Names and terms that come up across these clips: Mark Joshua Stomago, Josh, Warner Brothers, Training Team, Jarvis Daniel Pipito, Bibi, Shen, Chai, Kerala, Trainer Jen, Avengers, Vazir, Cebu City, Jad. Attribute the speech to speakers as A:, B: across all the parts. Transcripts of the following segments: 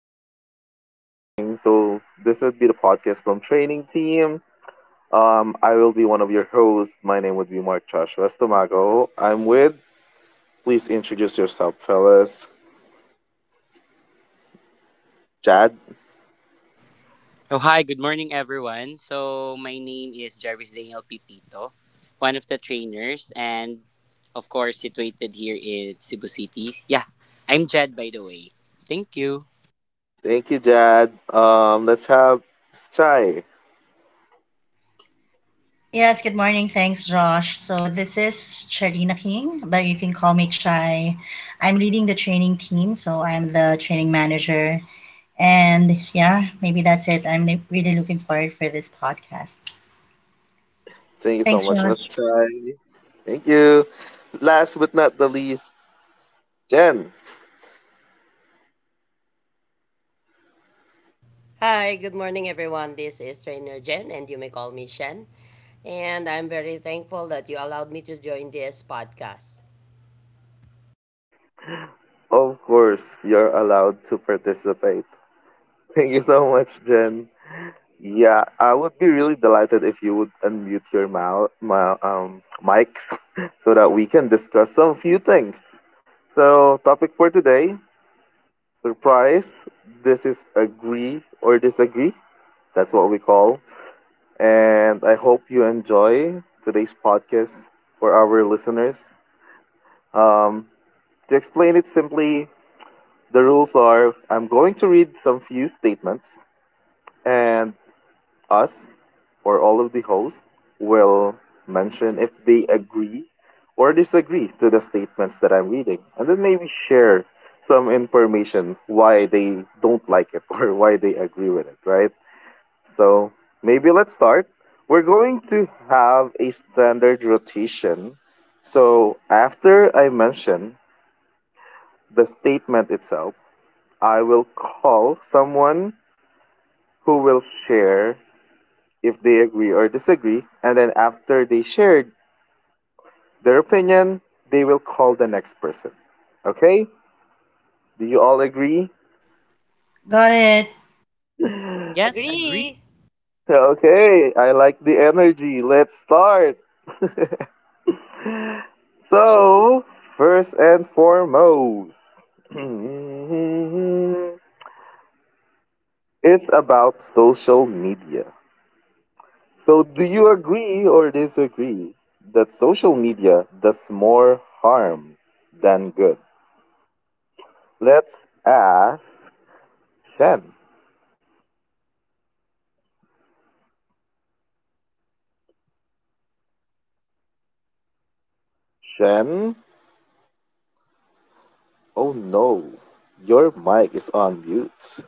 A: Hi guys, good morning. So this would be the podcast from Training Team. I will be one of your hosts. My name would be Mark Joshua Stomago. I'm with. Please introduce yourself, fellas. Jad.
B: Oh, hi, good morning, everyone. So, my name is Jarvis Daniel Pipito, one of the trainers, and of course, situated here in Cebu City. Yeah, I'm Jed, by the way. Thank you.
A: Thank you, Jad. Let's have Miss Chai.
C: Yes, good morning. Thanks, Josh. So this is Charina King, but you can call me Chai. I'm leading the training team, so I'm the training manager. And yeah, maybe that's it. I'm really looking forward for this podcast.
A: Thank you so
C: Thanks,
A: much, Miss
C: Josh.
A: Chai. Thank you. Last but not the least, Jen.
D: Hi, good morning everyone. This is Trainer Jen and you may call me Shen. And I'm very thankful that you allowed me to join this podcast.
A: Of course, you're allowed to participate. Thank you so much, Jen. Yeah, I would be really delighted if you would unmute your mouth, my, mics so that we can discuss some few things. So, topic for today, surprise. This is agree or disagree. That's what we call. And I hope you enjoy today's podcast for our listeners. Um, to explain it simply, the rules are I'm going to read some few statements and us or all of the hosts will mention if they agree or disagree to the statements that I'm reading, and then maybe share some information why they don't like it or why they agree with it, right? So maybe let's start. We're going to have a standard rotation. So after I mention the statement itself, I will call someone who will share if they agree or disagree. And then after they shared their opinion, they will call the next person. Okay? Do you all agree?
C: Got it.
B: Yes, agree.
D: Agree.
A: Okay, I like the energy. Let's start. So, first and foremost, it's about social media. So, do you agree or disagree that social media does more harm than good? Let's ask Shen. Shen, oh no, your mic is on mute.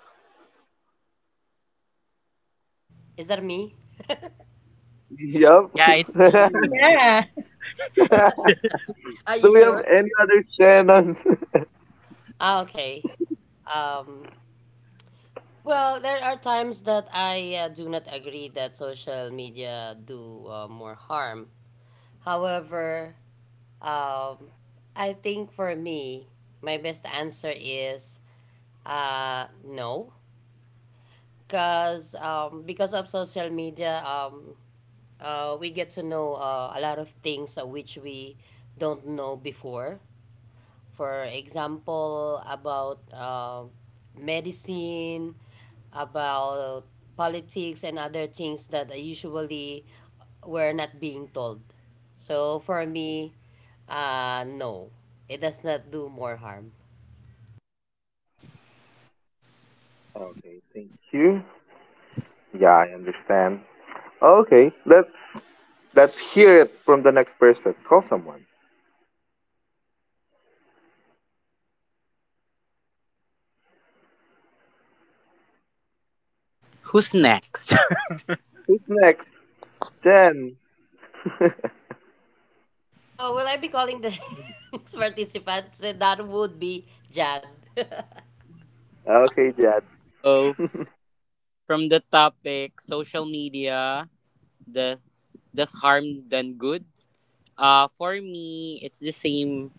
D: Is that me?
A: Yup.
B: Yeah, it's you.
C: Yeah,
D: Are
A: Do
D: you
A: we have
D: sure?
A: any other channel
D: Ah, okay. Um, well, there are times that I do not agree that social media do more harm. However, um, I think for me, my best answer is no, because of social media, we get to know a lot of things which we don't know before. For example, about medicine, about politics, and other things that usually we're not being told. So for me, no, it does not do more harm.
A: Okay, thank you. Yeah, I understand. Okay, let's hear it from the next person. Call someone.
B: Who's next?
A: Who's next? Jen.
D: So will I be calling the next participant? So that would be Jad.
A: Okay, Jen.
B: So, from the topic social media, does, does harm than good? For me, it's the same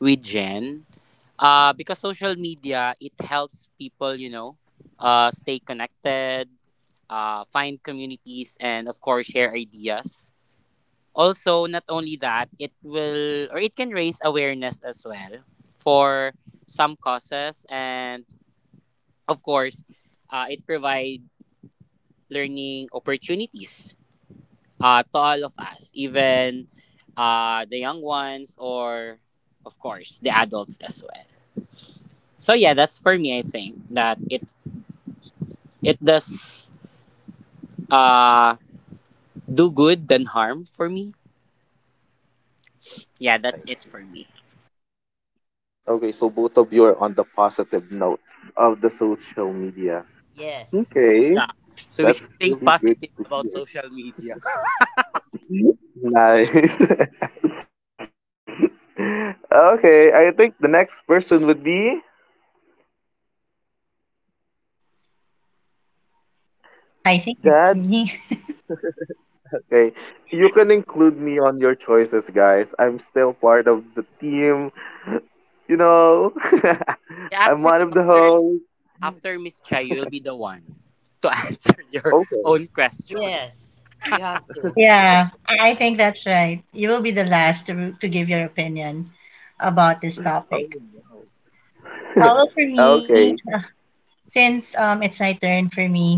B: with Jen. Because social media, it helps people, stay connected, find communities, and of course, share ideas. Also, not only that, it will or it can raise awareness as well for some causes, and of course, it provide learning opportunities to all of us, even the young ones or, of course, the adults as well. So yeah, that's for me. I think that it does uh do good than harm for me.
A: I
B: Yeah,
A: see.
B: that's it for me.
A: Okay, so both of you are on the positive note of the social media.
D: Yes.
A: Okay,
B: Yeah. So we
A: that's
B: should think
A: really good
B: positive
A: to
B: about
A: hear.
B: social media.
A: Nice. okay, I think the next person would be
C: I think
A: Dad.
C: it's me.
A: Okay, you can include me on your choices, guys. I'm still part of the team. You know,
B: Yeah,
A: I'm
B: actually,
A: one of the
B: after
A: hosts.
B: after Miss Chai, you'll be the one to answer your
A: Okay.
B: own question.
D: Yes. You have to.
C: Yeah, I think that's right. You will be the last to give your opinion about this
A: Oh
C: topic.
A: no.
C: Oh, well, for me,
A: okay.
C: since it's my turn for me,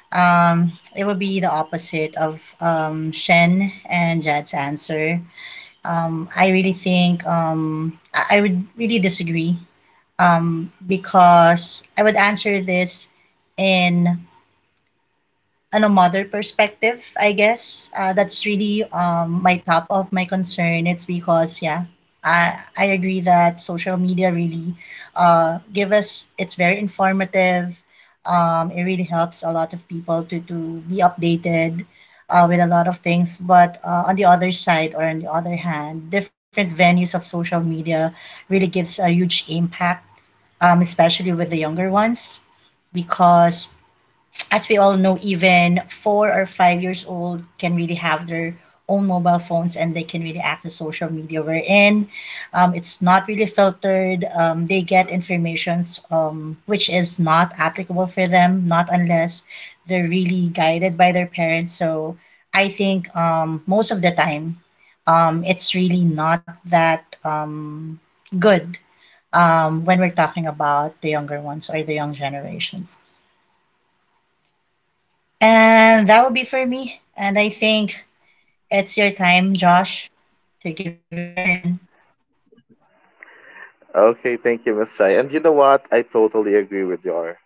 C: it would be the opposite of Shen and Jad's answer. I really think I would really disagree because I would answer this in on a mother perspective, I guess. That's really my top of my concern. It's because yeah, I agree that social media really give us. It's very informative. It really helps a lot of people to be updated. With a lot of things, but on the other side or on the other hand, different venues of social media really gives a huge impact, especially with the younger ones because as we all know, even 4 or 5 years old can really have their own mobile phones and they can really access social media wherein it's not really filtered. They get informations which is not applicable for them, not unless they're really guided by their parents. So I think most of the time, it's really not that good when we're talking about the younger ones or the young generations. And that will be for me. And I think it's your time, Josh, to give your opinion.
A: Okay. Thank you, Miss Chai. And you know what? I totally agree with your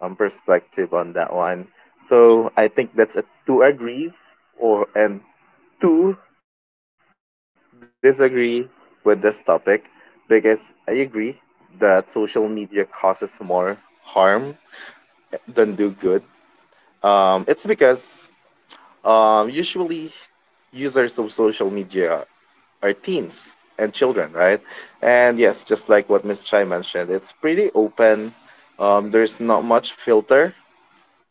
A: perspective on that one. So I think that's a two agree or and two disagree with this topic because I agree that social media causes more harm don't do good. It's because usually users of social media are teens and children, right? And yes, just like what Miss Chai mentioned, it's pretty open. There's not much filter.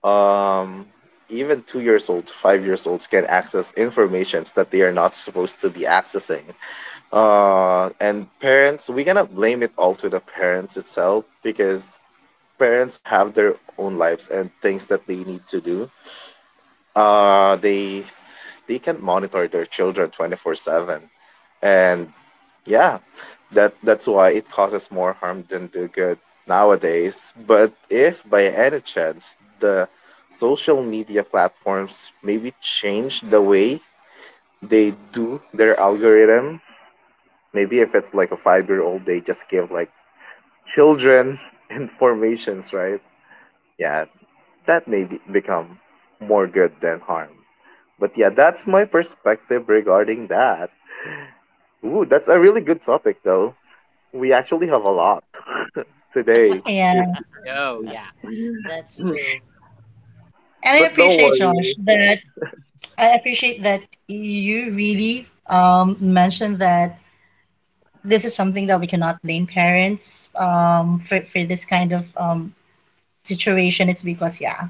A: Um, even 2 years old, 5 years olds can access informations that they are not supposed to be accessing. And parents, we cannot blame it all to the parents itself because parents have their own lives and things that they need to do. They can't monitor their children 24/7, and yeah, that's why it causes more harm than the good nowadays. But if by any chance the social media platforms maybe change the way they do their algorithm, maybe if it's like a 5 year old, they just give like children informations, right? Yeah, that may be, become more good than harm. But yeah, that's my perspective regarding that. Ooh, that's a really good topic, though. We actually have a lot today. If
C: Yeah.
A: you
B: Oh
A: see.
B: yeah.
D: That's true.
C: And I
A: but don't
C: appreciate Josh
A: worry.
C: that I appreciate that you really mentioned that this is something that we cannot blame parents for this kind of situation. It's because yeah,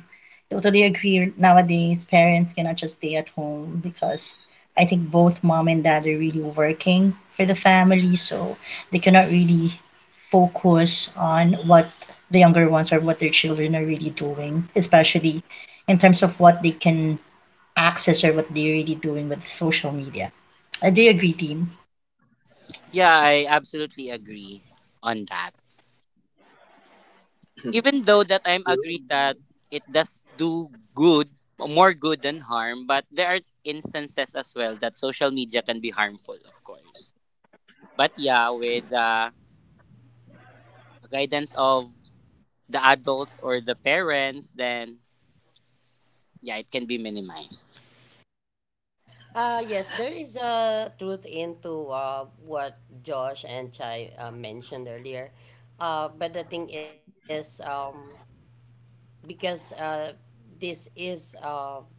C: totally agree. Nowadays, parents cannot just stay at home because I think both mom and dad are really working for the family, so they cannot really focus on what the younger ones or what their children are really doing, especially in terms of what they can access or what they're really doing with social media. I do agree, team.
B: Yeah, I absolutely agree on that. Even though that I'm agree that it does do good, more good than harm, but there are instances as well that social media can be harmful, of course. But yeah, with guidance of the adults or the parents, then yeah, it can be minimized.
D: Yes, there is a truth into what Josh and Chai mentioned earlier. But the thing is, because this is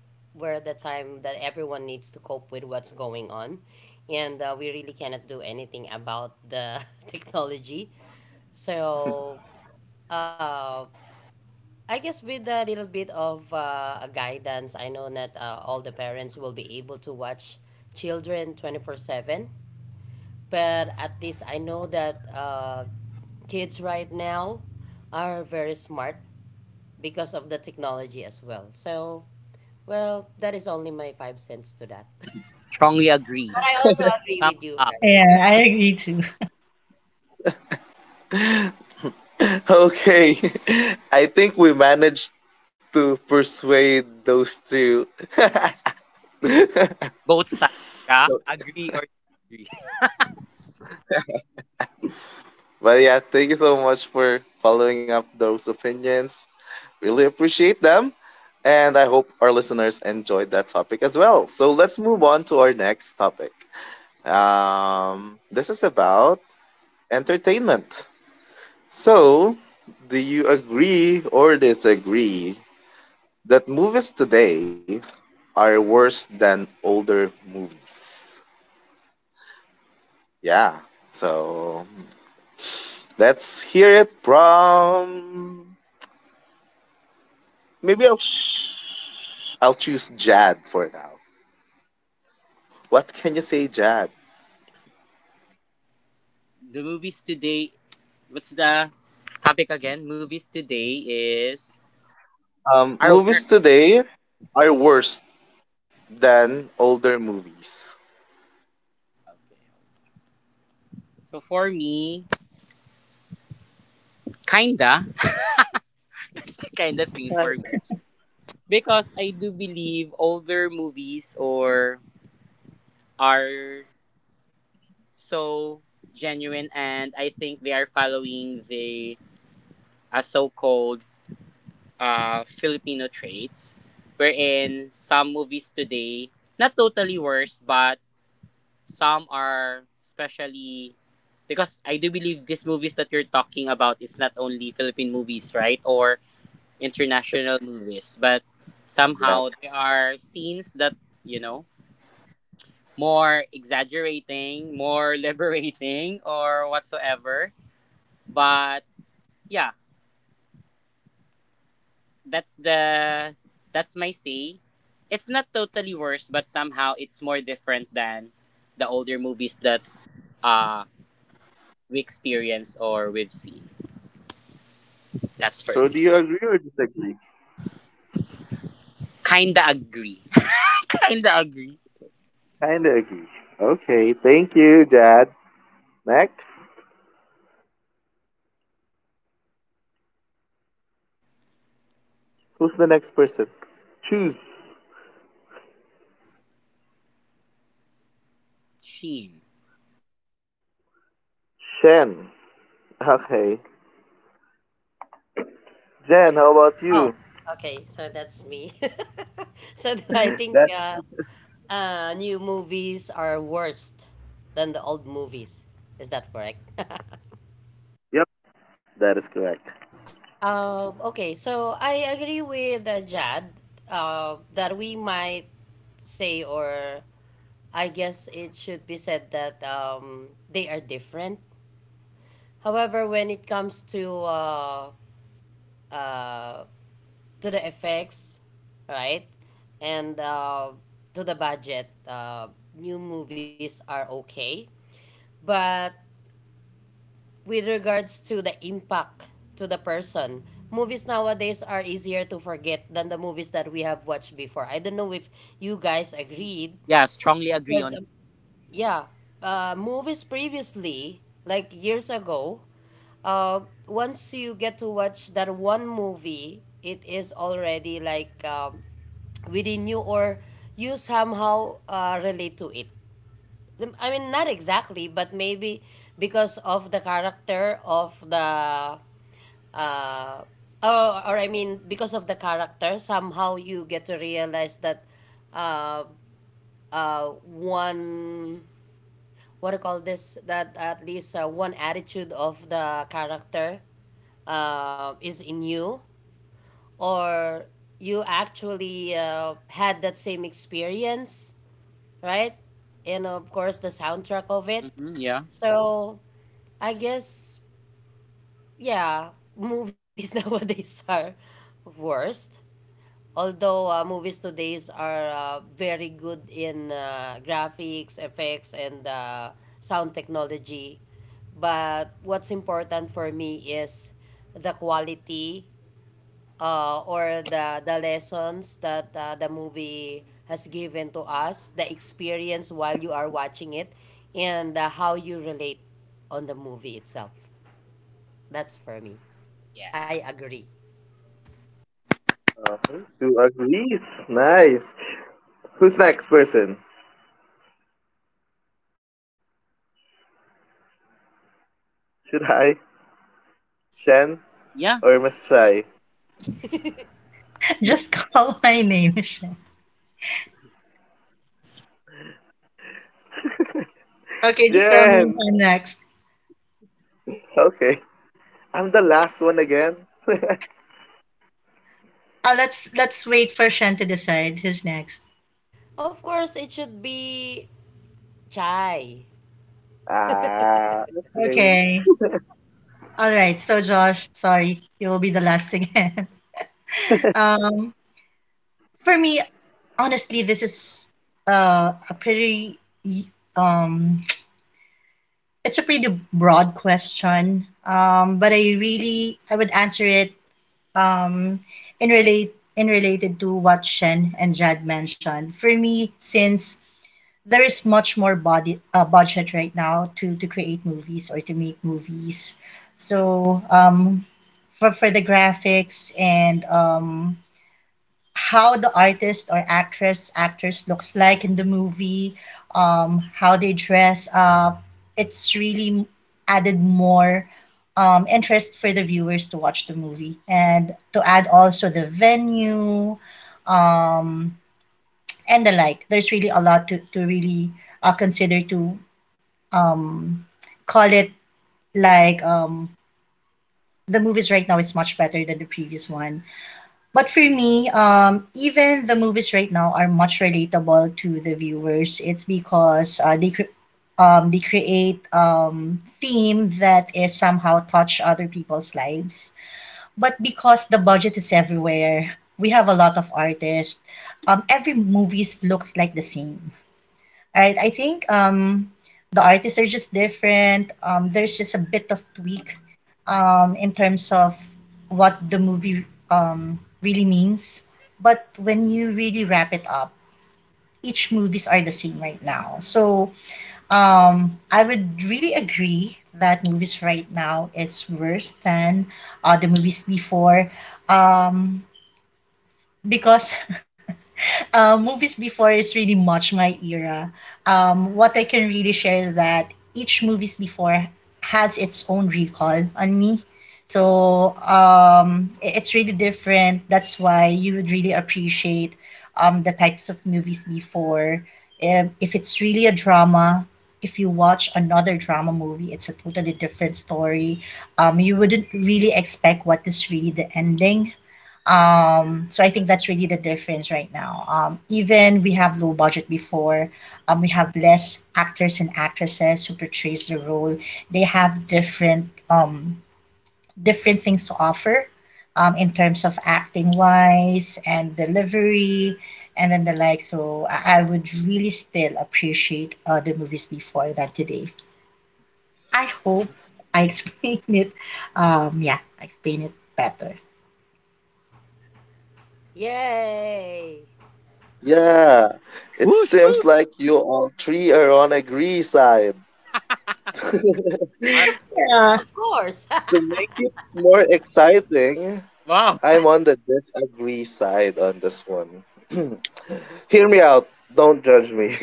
D: where the time that everyone needs to cope with what's going on, and we really cannot do anything about the technology. So, uh, I guess with a little bit of a guidance, I know that all the parents will be able to watch children 24/7, but at least I know that kids right now are very smart because of the technology as well. So, well, that is only my five cents to that.
B: Strongly agree.
D: But I also agree
B: Thumbs
D: with you
B: up.
C: Yeah,
D: guys.
C: I agree too.
A: Okay, I think we managed to persuade those two.
B: Both sides. Yeah? Agree or disagree.
A: But yeah, thank you so much for following up those opinions. Really appreciate them. And I hope our listeners enjoyed that topic as well. So let's move on to our next topic. This is about entertainment. So, do you agree or disagree that movies today are worse than older movies? Yeah. So, let's hear it from maybe a I'll choose Jad for now. What can you say, Jad?
B: The movies today, what's the topic again? Movies today is
A: Um,
B: our work.
A: movies today are worse than older movies.
B: So for me, kinda. It's a kinda thing for
A: Kinda.
B: me. Because I do believe older movies or are so genuine and I think they are following the a so-called Filipino traits, wherein some movies today, not totally worse, but some are, especially because I do believe these movies that you're talking about is not only Philippine movies, right? Or
A: Yep.
B: international movies, but
A: yep.
B: somehow there are scenes that, you know, more exaggerating, more liberating, or whatsoever. But yeah, that's the that's my say. It's not totally worse, but somehow it's more different than the older movies that uh we experience or we've seen. That's for
A: So do
B: me.
A: you agree or disagree?
B: Kinda agree. Kinda agree.
A: Kinda agree. Okay, thank you, Jad. Next. Who's the next person? Choose.
B: Sheen.
A: Shen. Okay. Jen, how about
D: Oh,
A: you?
D: okay. So that's me. So do I think
A: That
D: uh, uh, new movies are worse than the old movies. Is that correct?
A: yep. That is correct.
D: Okay, so I agree with Jad that we might say, or I guess it should be said that they are different. However, when it comes uh, to the effects, right, and to the budget, new movies are okay. But with regards to the impact to the person, movies nowadays are easier to forget than the movies that we have watched before. I don't know if you guys agreed,
B: Yeah, strongly agree
D: because
B: on.
D: yeah, movies previously, like years ago, uh, once you get to watch that one movie, it is already like within you, or you somehow relate to it. I mean, not exactly, but maybe because of the character of the uh, or I mean, because of the character, somehow you get to realize that uh, one, what do you call this, that at least one attitude of the character is in you, or you actually had that same experience, right? And of course, the soundtrack of it.
B: Mhm, yeah.
D: So I guess, yeah, movies nowadays are worst. Although movies today's are very good in graphics effects and sound technology, but what's important for me is the quality, or the lessons that the movie has given to us, the experience while you are watching it, and how you relate on the movie itself. That's for me.
B: Yeah.
D: I agree.
A: Who agrees? Nice. Who's next person? Should I? Shen or
B: Yeah.
A: Masai?
D: Hi.
B: Yeah.
C: Just call my name, Michelle. Okay, just tell me
A: Jen!
C: who next.
A: Okay. I'm the last one again.
C: Let's wait for Shen to decide who's next.
D: Of course it should be Chai.
A: Okay.
C: Okay. All right. So Josh, sorry, you will be the last again. Um, for me, honestly, this is a pretty um, it's a pretty broad question. But I would answer it um in related to what Shen and Jad mentioned. For me, since there is much more body budget right now to create movies or to make movies. So for the graphics and how the artist or actress actors looks like in the movie, how they dress up, it's really added more interest for the viewers to watch the movie and to add also the venue, um, and the like. There's really a lot to really consider to um, call it like the movies right now is much better than the previous one. But for me, even the movies right now are much relatable to the viewers. It's because they create theme that is somehow touch other people's lives. But because the budget is everywhere, we have a lot of artists. Every movies looks like the same, right? I think the artists are just different. There's just a bit of tweak in terms of what the movie really means. But when you really wrap it up, each movies are the same right now. So I would really agree that movies right now is worse than the movies before um, because movies before is really much my era. What I can really share is that each movies before has its own recall on me. So it's really different. That's why you would really appreciate the types of movies before. If it's really a drama, if you watch another drama movie, it's a totally different story. You wouldn't really expect what is really the ending so I think that's really the difference right now. Even we have low budget before, we have less actors and actresses who portrays the role. They have different things to offer in terms of acting wise and delivery and then the like. So I would really still appreciate the movies before than today. I hope I explained it. Yeah, I explained it better.
D: Yay!
A: Yeah. It
B: Whoosh
A: seems
B: whoosh.
A: like you all three are on agree side.
B: All right.
C: Yeah.
D: Of course.
A: To make it more exciting,
B: Wow.
A: I'm on the disagree side on this one. Hear me out. Don't judge me.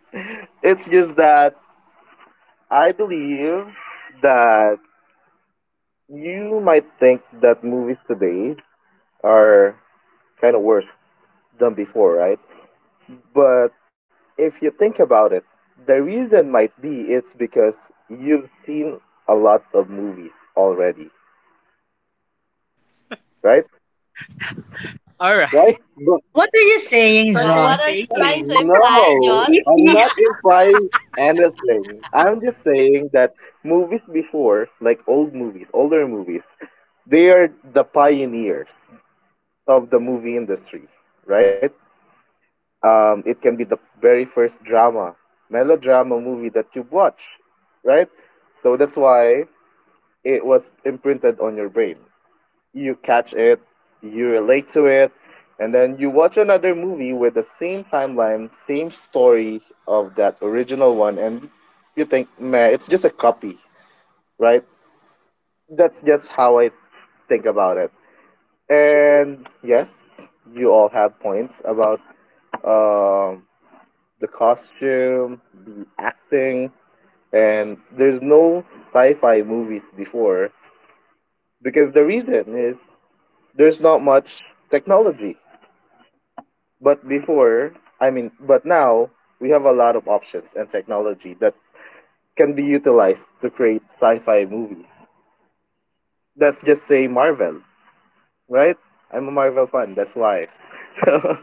A: it's just that I believe that you might think that movies today are kind of worse than before, right? But if you think about it, the reason might be it's because you've seen a lot of movies already, right?
B: All right.
A: right? But
C: What are you saying,
D: So
B: What are you
D: what
C: John?
D: are you
B: saying?
D: trying to imply,
A: no,
D: Josh?
C: You,
A: I'm
C: you,
A: not implying anything. I'm just saying that Movies before, like old movies, older movies, they are the pioneers of the movie industry, right? It can be the very first drama, melodrama movie that you watch, right? So that's why it was imprinted on your brain. You catch it, you relate to it, and then you watch another movie with the same timeline, same story of that original one, and you think, man, it's just a copy, right? That's just how I think about it. And yes, you all have points about um, the costume, the acting, and there's no sci fi movies before because the reason is there's not much technology. But before, I mean, but now we have a lot of options and technology that can be utilized to create sci-fi movies. Let's just say Marvel, right? I'm a Marvel fan, that's why. So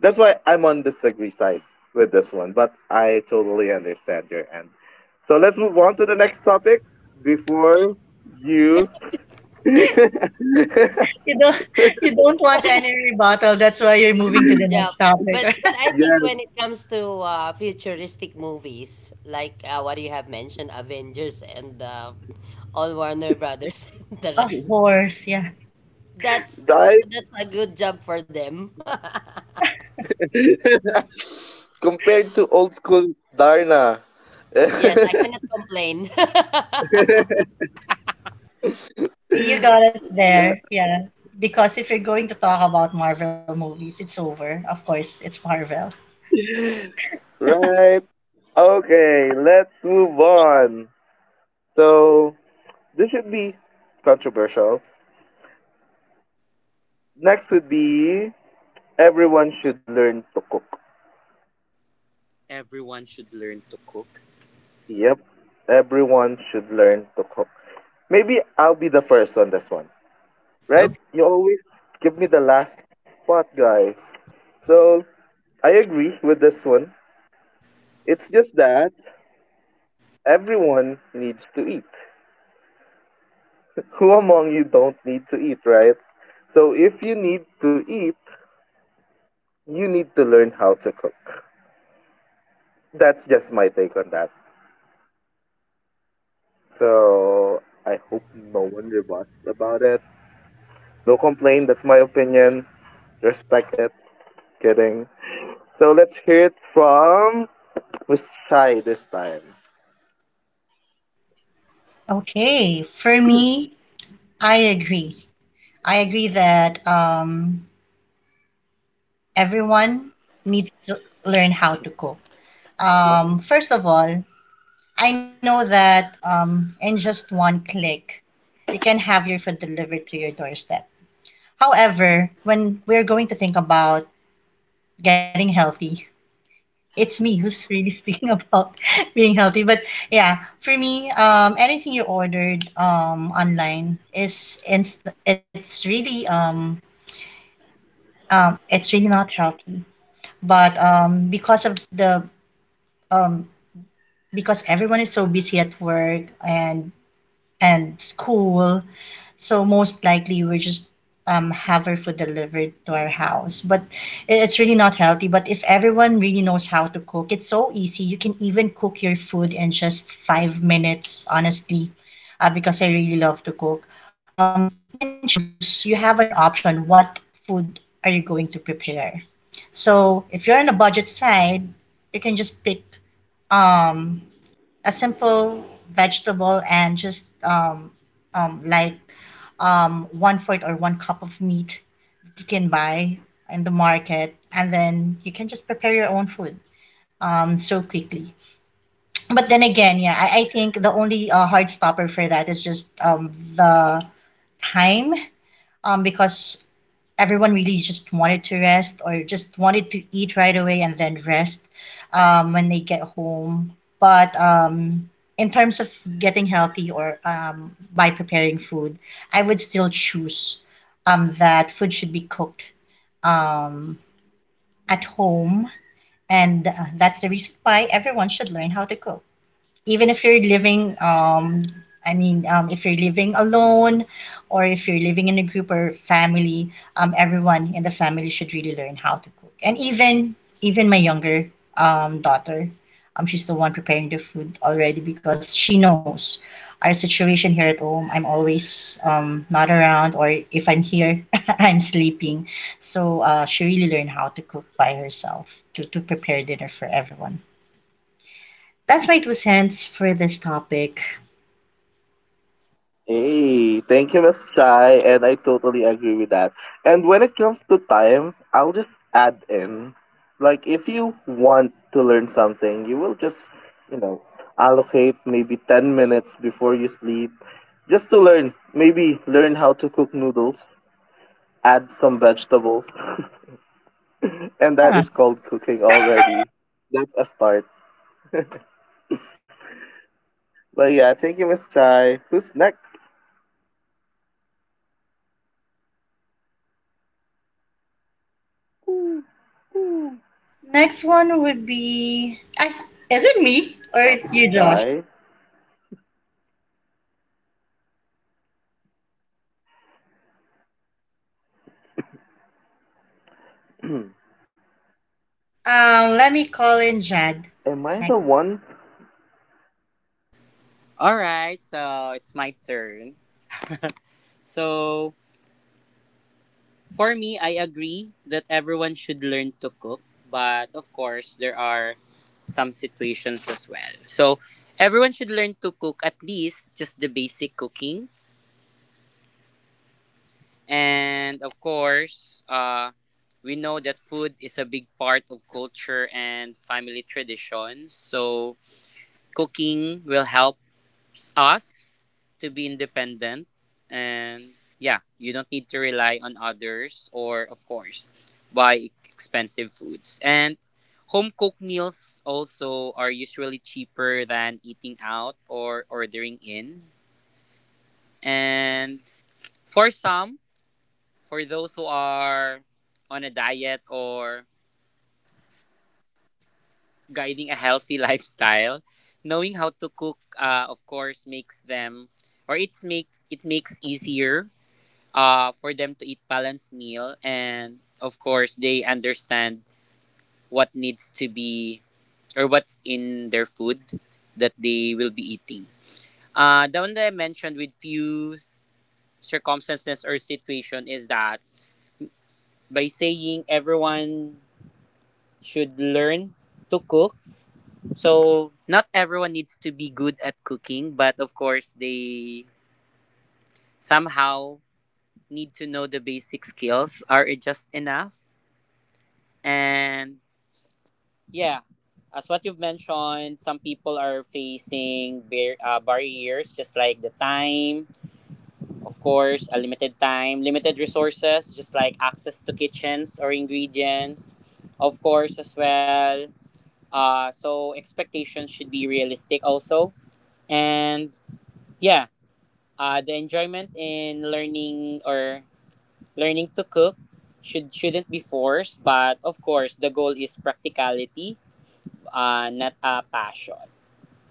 A: that's why I'm on disagree side with this one, but I totally understand your end. So let's move on to the next topic before you
C: you don't you don't want any rebuttal. That's why you're moving to the
D: Yeah.
C: next topic.
D: But I think
A: Yes,
D: when it comes to futuristic movies like what you have mentioned, Avengers and all Warner Brothers and the
C: Of
D: rest,
C: course, yeah.
D: that's
A: right?
D: that's a good job for them.
A: Compared to old school Darna.
D: Yes, I cannot complain.
C: You got us there, yeah. Because if you're going to talk about Marvel movies, it's over. Of course, it's Marvel.
A: Right. Okay, let's move on. So, this should be controversial. Next would be everyone should learn to cook.
B: Everyone should learn to cook.
A: Yep, everyone should learn to cook. Maybe I'll be the first on this one, right?
B: Okay.
A: You always give me the last spot, guys. So, I agree with this one. It's just that everyone needs to eat. Who among you don't need to eat, right? So if you need to eat, you need to learn how to cook. That's just my take on that. So I hope no one rebuts about it. No complaint, that's my opinion. Respect it. Kidding. So let's hear it from Miss Sai this time.
C: Okay, for me, I agree. I agree that everyone
A: Why?
C: needs to learn how to cook. First of all, I know that in just one click, you can have your food delivered to your doorstep. However, when we're going to think about getting healthy, it's me who's really speaking about being healthy. But yeah, for me, anything you ordered online is inst- it's really not healthy. But because of the um, because everyone is so busy at work and school. So most likely we just have our food delivered to our house. But it's really not healthy. But if everyone really knows how to cook, it's so easy. You can even cook your food in just 5 minutes, honestly, because I really love to cook. You can choose, you have an option. What food are you going to prepare? So if you're on a budget side, you can just pick um a simple vegetable and just um, like one fourth or one cup of meat that you can buy in the market, and then you can just prepare your own food so quickly. But then again, yeah, I think the only hard stopper for that is just the time, because everyone really just wanted to rest or just wanted to eat right away and then rest when they get home. But in terms of getting healthy or by preparing food, I would still choose that food should be cooked um, at home. And that's the reason why everyone should learn how to cook even if you're living I mean if you're living alone or if you're living in a group or family. Everyone in the family should really learn how to cook. And even my younger daughter, she's the one preparing the food already because she knows our situation here at home. I'm always not around, or if I'm here, I'm sleeping. So she really learned how to cook by herself to prepare dinner for everyone. That's my two cents for this topic.
A: Hey, thank you, Miss Chai, and I totally agree with that. And when it comes to time, I'll just add in, like if you want to learn something, you will just, you know, allocate maybe 10 minutes before you sleep, just to learn. Maybe learn how to cook noodles, add some vegetables, and that
C: Yeah.
A: is called cooking already. That's a start. But yeah, thank you, Miss Chai. Who's next? Ooh, ooh.
C: Next one would be, is it me
A: Uh,
C: or
A: Miss
C: you, Josh?
A: Chai. Am
C: Let me call in Jad.
A: I the
C: Next.
A: one
B: All right. So it's my turn. So for me, I agree that everyone should learn to cook, but of course, there are some situations as well. So, everyone should learn to cook at least just the basic cooking. And of course, we know that food is a big part of culture and family traditions. So, cooking will help us to be independent, and yeah, you don't need to rely on others or, of course, buy expensive foods. And home cooked meals also are usually cheaper than eating out or ordering in. And for some, for those who are on a diet or guiding a healthy lifestyle, knowing how to cook, of course, makes them or it makes easier for them to eat balanced meal, and of course they understand what needs to be or what's in their food that they will be eating. The one that I mentioned with few circumstances or situation is that by saying everyone should learn to cook, so not everyone needs to be good at cooking, but of course they somehow need to know the basic skills are it just enough. And yeah, as what you've mentioned, some people are facing barriers, just like the time, of course, a limited time, limited resources, just like access to kitchens or ingredients, of course, as well. So expectations should be realistic also, and yeah, the enjoyment in learning or learning to cook shouldn't be forced, but of course, the goal is practicality, not a passion.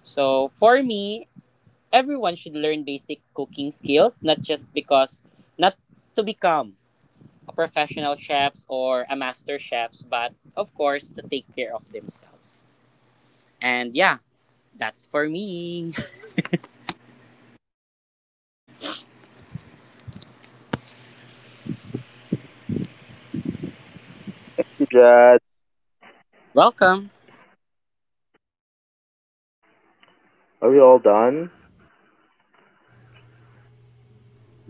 B: So for me, everyone should learn basic cooking skills, not just because not to become a professional chefs or a master chefs, but of course to take care of themselves. And yeah, that's for me.
A: you, Jad.
B: Welcome.
A: Are we all done?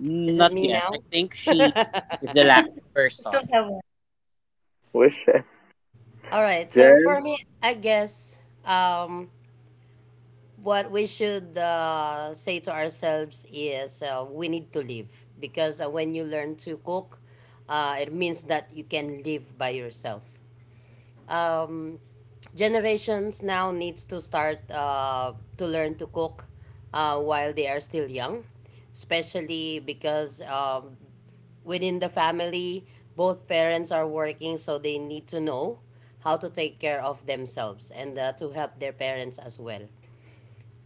D: Is it me
B: yet. I
D: now?
B: think she is the last
C: Still
B: person.
C: have one.
A: We're Chef
D: All right. So for
A: Jen.
D: me, I guess. What we should say to ourselves is we need to live, because when you learn to cook, it means that you can live by yourself. Um, Generations now needs to start to learn to cook while they are still young, especially because within the family, both parents are working, so they need to know how to take care of themselves and to help their parents as well.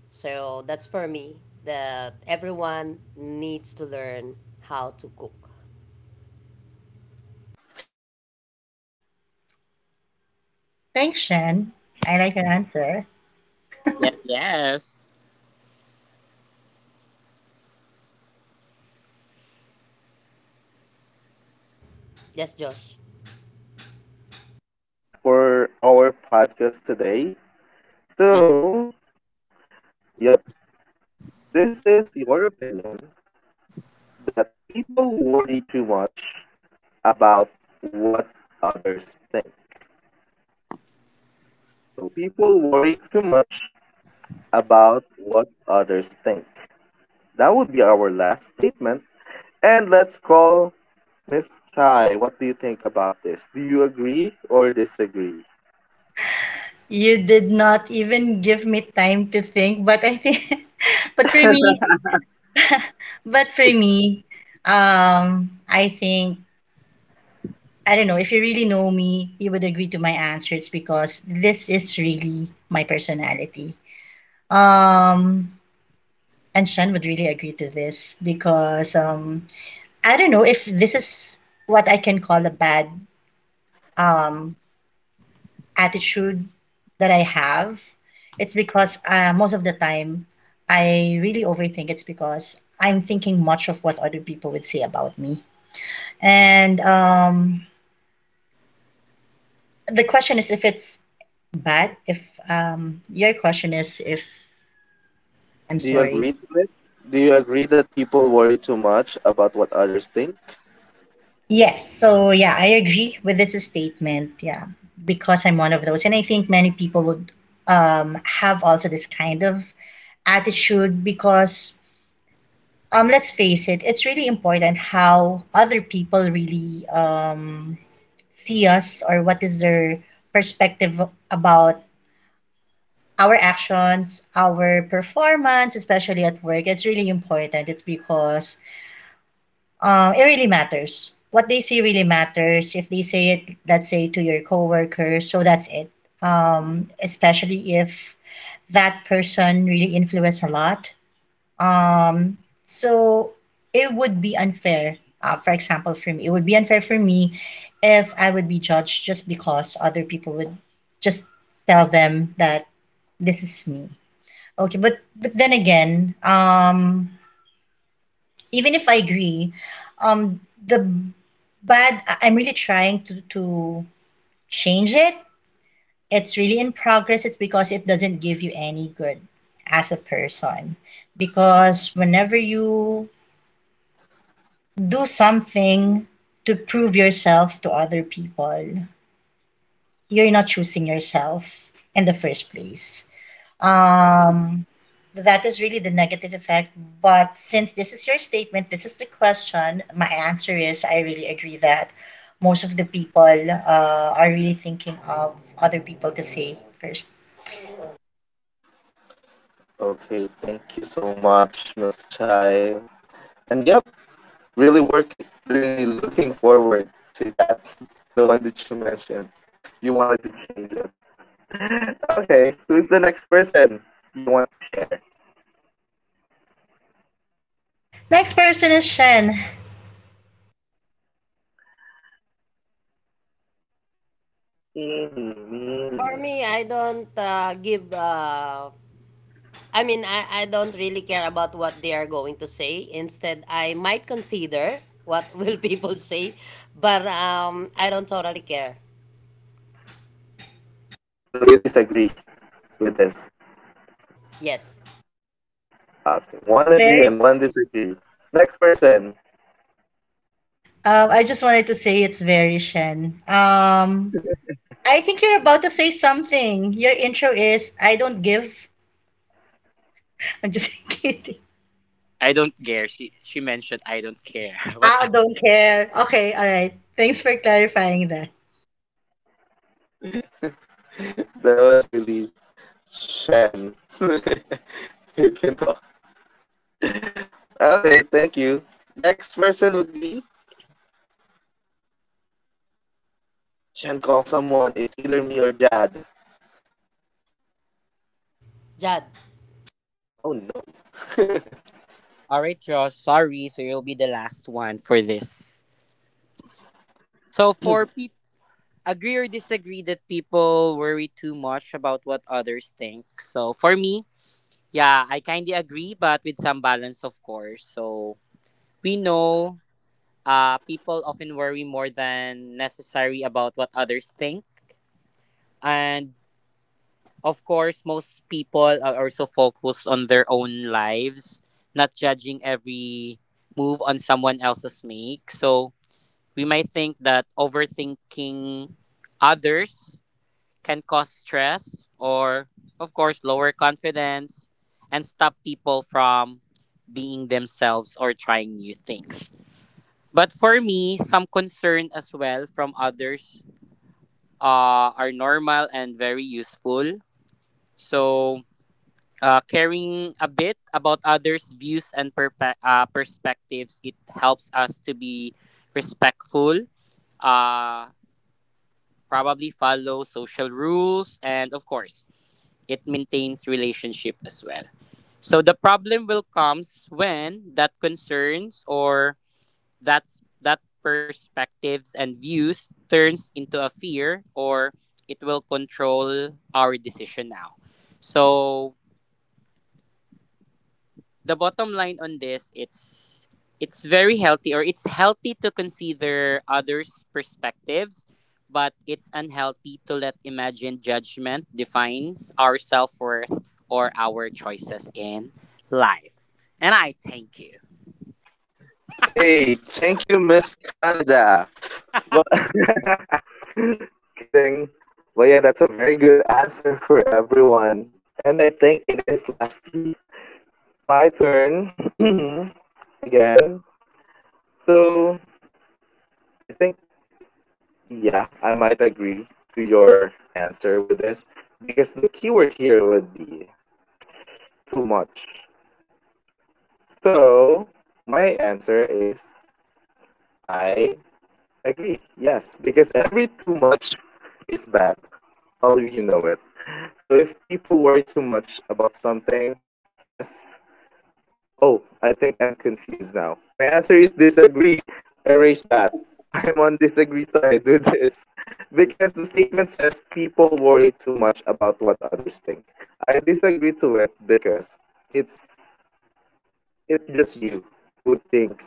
D: So that's for me, that everyone needs to learn how to cook.
A: Okay, thank you so much.
C: Thanks,
A: So
C: Shen.
A: we
C: I
A: all
C: like your
A: agree
C: answer.
A: about it.
B: Yes, yes.
A: Nice. At least once. We all agreed onto something. Um, this might be the
D: Yes,
A: last
D: Josh.
A: question or statement for our podcast today.
B: Mm,
A: So, yep, this is your opinion that people worry too much about what others think. So people worry too much about what others think. That would be our last statement. And let's call Miss Chai. What do you think about this? Do you agree or disagree?
C: You did not even give me time to think, but I think, but for me, but for me, I think, I don't know, if you really know me, you would agree to my answer. It's because this is really my personality. Um, and Shen would really agree to this because I don't know if this is what I can call a bad um, attitude that I have. It's because most of the time I really overthink. It's because I'm thinking much of what other people would say about me. And the question is if it's bad, if your question is if, I'm
A: Do you
C: sorry.
A: agree to it? Do you agree that people worry too much about what others think?
C: Yes, so yeah, I agree with this statement. Yeah, because I'm one of those, and I think many people would have also this kind of attitude because let's face it, it's really important how other people really see us or what is their perspective about our actions, our performance, especially at work. It's really important. It's because it really matters. What they say really matters. If they say it, let's say to your coworkers, so that's it. Especially if that person really influenced a lot. Um, so it would be unfair. For example, for me, it would be unfair for me if I would be judged just because other people would just tell them that this is me. Okay, but then again, even if I agree, um, the I'm really trying to change it. It's really in progress. It's because it doesn't give you any good as a person. Because whenever you do something to prove yourself to other people, you're not choosing yourself in the first place. Um, that is really the negative effect. But since this is your statement, this is the question, my answer is I really agree that most of the people are really thinking of other people to say first.
A: Okay, thank you so much, Miss Chai. And yep, really working, really looking forward to that. The one that you mentioned. You wanted to change it. Okay, who's the next person you want to share?
C: Next person is Shen.
A: Teeny,
D: For
A: meeny.
D: me, I don't give. I mean, I don't really care about what they are going to say. Instead, I might consider what will people say, but I don't totally care.
A: So you disagree with this.
D: Yes,
A: Okay, one agree
C: Very,
A: and one disagree. Next person.
C: I just wanted to say it's very Shen. I think you're about to say something. Your intro is I don't give. I'm just kidding.
B: I don't care. She mentioned I don't care. What?
C: I don't care. Okay, all right. Thanks for clarifying that.
A: That was really Shen. if you know. Okay, thank you. Next person would be Shen call someone. It's either me or Jad.
D: Jad.
A: Oh no.
B: All right, Josh. Sorry. So you'll be the last one for this. So for people agree or disagree that people worry too much about what others think. So for me, yeah, I kind of agree, but with some balance, of course. So we know, people often worry more than necessary about what others think. And of course, most people are also focused on their own lives, not judging every move on someone else's make. So we might think that overthinking others can cause stress or, of course, lower confidence, and stop people from being themselves or trying new things. But for me, some concern as well from others are normal and very useful. So, caring a bit about others' views and perspectives, it helps us to be respectful, uh, probably follow social rules, and of course, it maintains relationship as well. So the problem will comes when that concerns or that that perspectives and views turns into a fear or it will control our decision now. So the bottom line on this, it's very healthy or it's healthy to consider others perspectives, but it's unhealthy to let imagined judgment defines our self-worth or our choices in life. And I thank you.
A: Hey, thank you, Miss Canada. Well, Kidding. But yeah, that's a very good answer for everyone. And I think it is lastly my turn again. So I think, yeah, I might agree to your answer with this because the keyword here would be too much. So my answer is I agree. Yes, because every too much is bad. All of you know it. So if people worry too much about something, yes, Oh, I think I'm confused now. My answer is disagree. Erase that. I'm on disagree side with this. Because the statement says people worry too much about what others think. I disagree to it because it's it's just you who thinks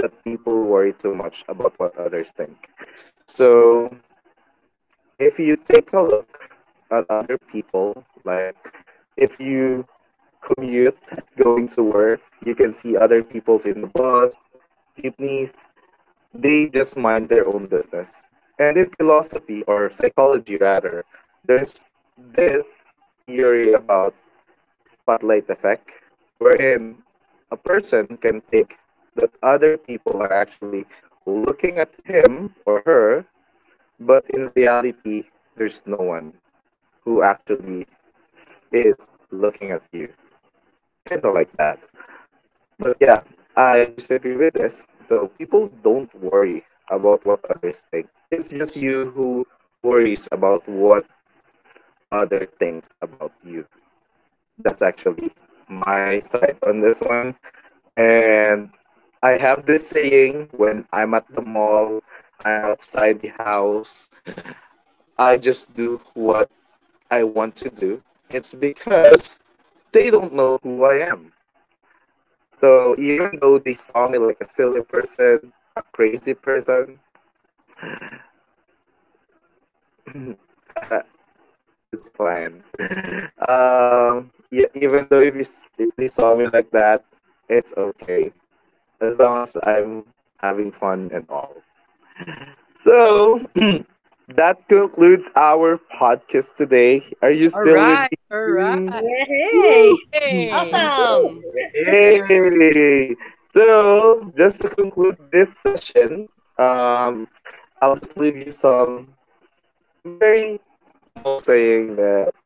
A: that people worry too much about what others think. So if you take a look at other people, like if you commute going to work, you can see other people in the bus, Jeepneys, they just mind their own business. And in philosophy, or psychology rather, there's this theory about spotlight effect, wherein a person can think that other people are actually looking at him or her, but in reality, there's no one who actually is looking at you. Kind of like that. But yeah, I disagree with this. So people don't worry about what others think. It's just you who worries about what other thinks about you. That's actually my side on this one. And I have this saying when I'm at the mall, I'm outside the house, I just do what I want to do. It's because they don't know who I am. So even though they saw me like a silly person, a crazy person, it's fine. Yeah, even though if you s- if they saw me like that, it's okay as long as I'm having fun and all. So that concludes our podcast today. Are you
B: All
A: still with
B: right,
A: me?
B: all
A: Kim?
B: right.
C: Yay!
A: Woo!
B: Yay.
D: Awesome.
A: Hey! So, just to conclude this session, um, I'll just leave you some very small saying that,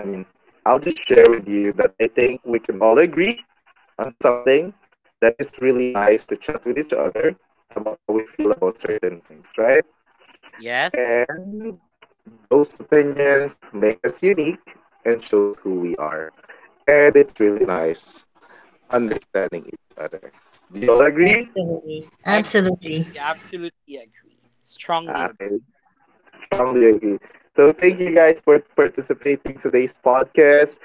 A: I mean, I'll just share with you that I think we can all agree onto something that is really nice to chat with each other about how we feel about certain things, right?
B: Yes,
A: And those opinions make us unique and shows who we are. And it's really nice understanding each other. Do you all agree?
C: Absolutely.
B: agree.
C: Absolutely.
B: Absolutely agree. Strongly agree.
A: Okay, strongly agree. So thank you guys for participating today's podcast.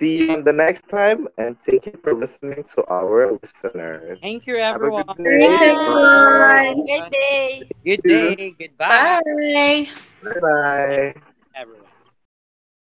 A: See you on the next time, and thank you for listening to our listeners.
B: Thank you,
A: Have a
B: everyone.
A: good
C: Thanks,
A: day.
B: For
D: Ciao.
A: Bye
D: Have a
C: everyone.
D: great
B: the
D: day.
B: good
A: bye.
B: day, goodbye.
C: Bye.
A: Bye
B: Have a nice,
A: bye.
B: everyone.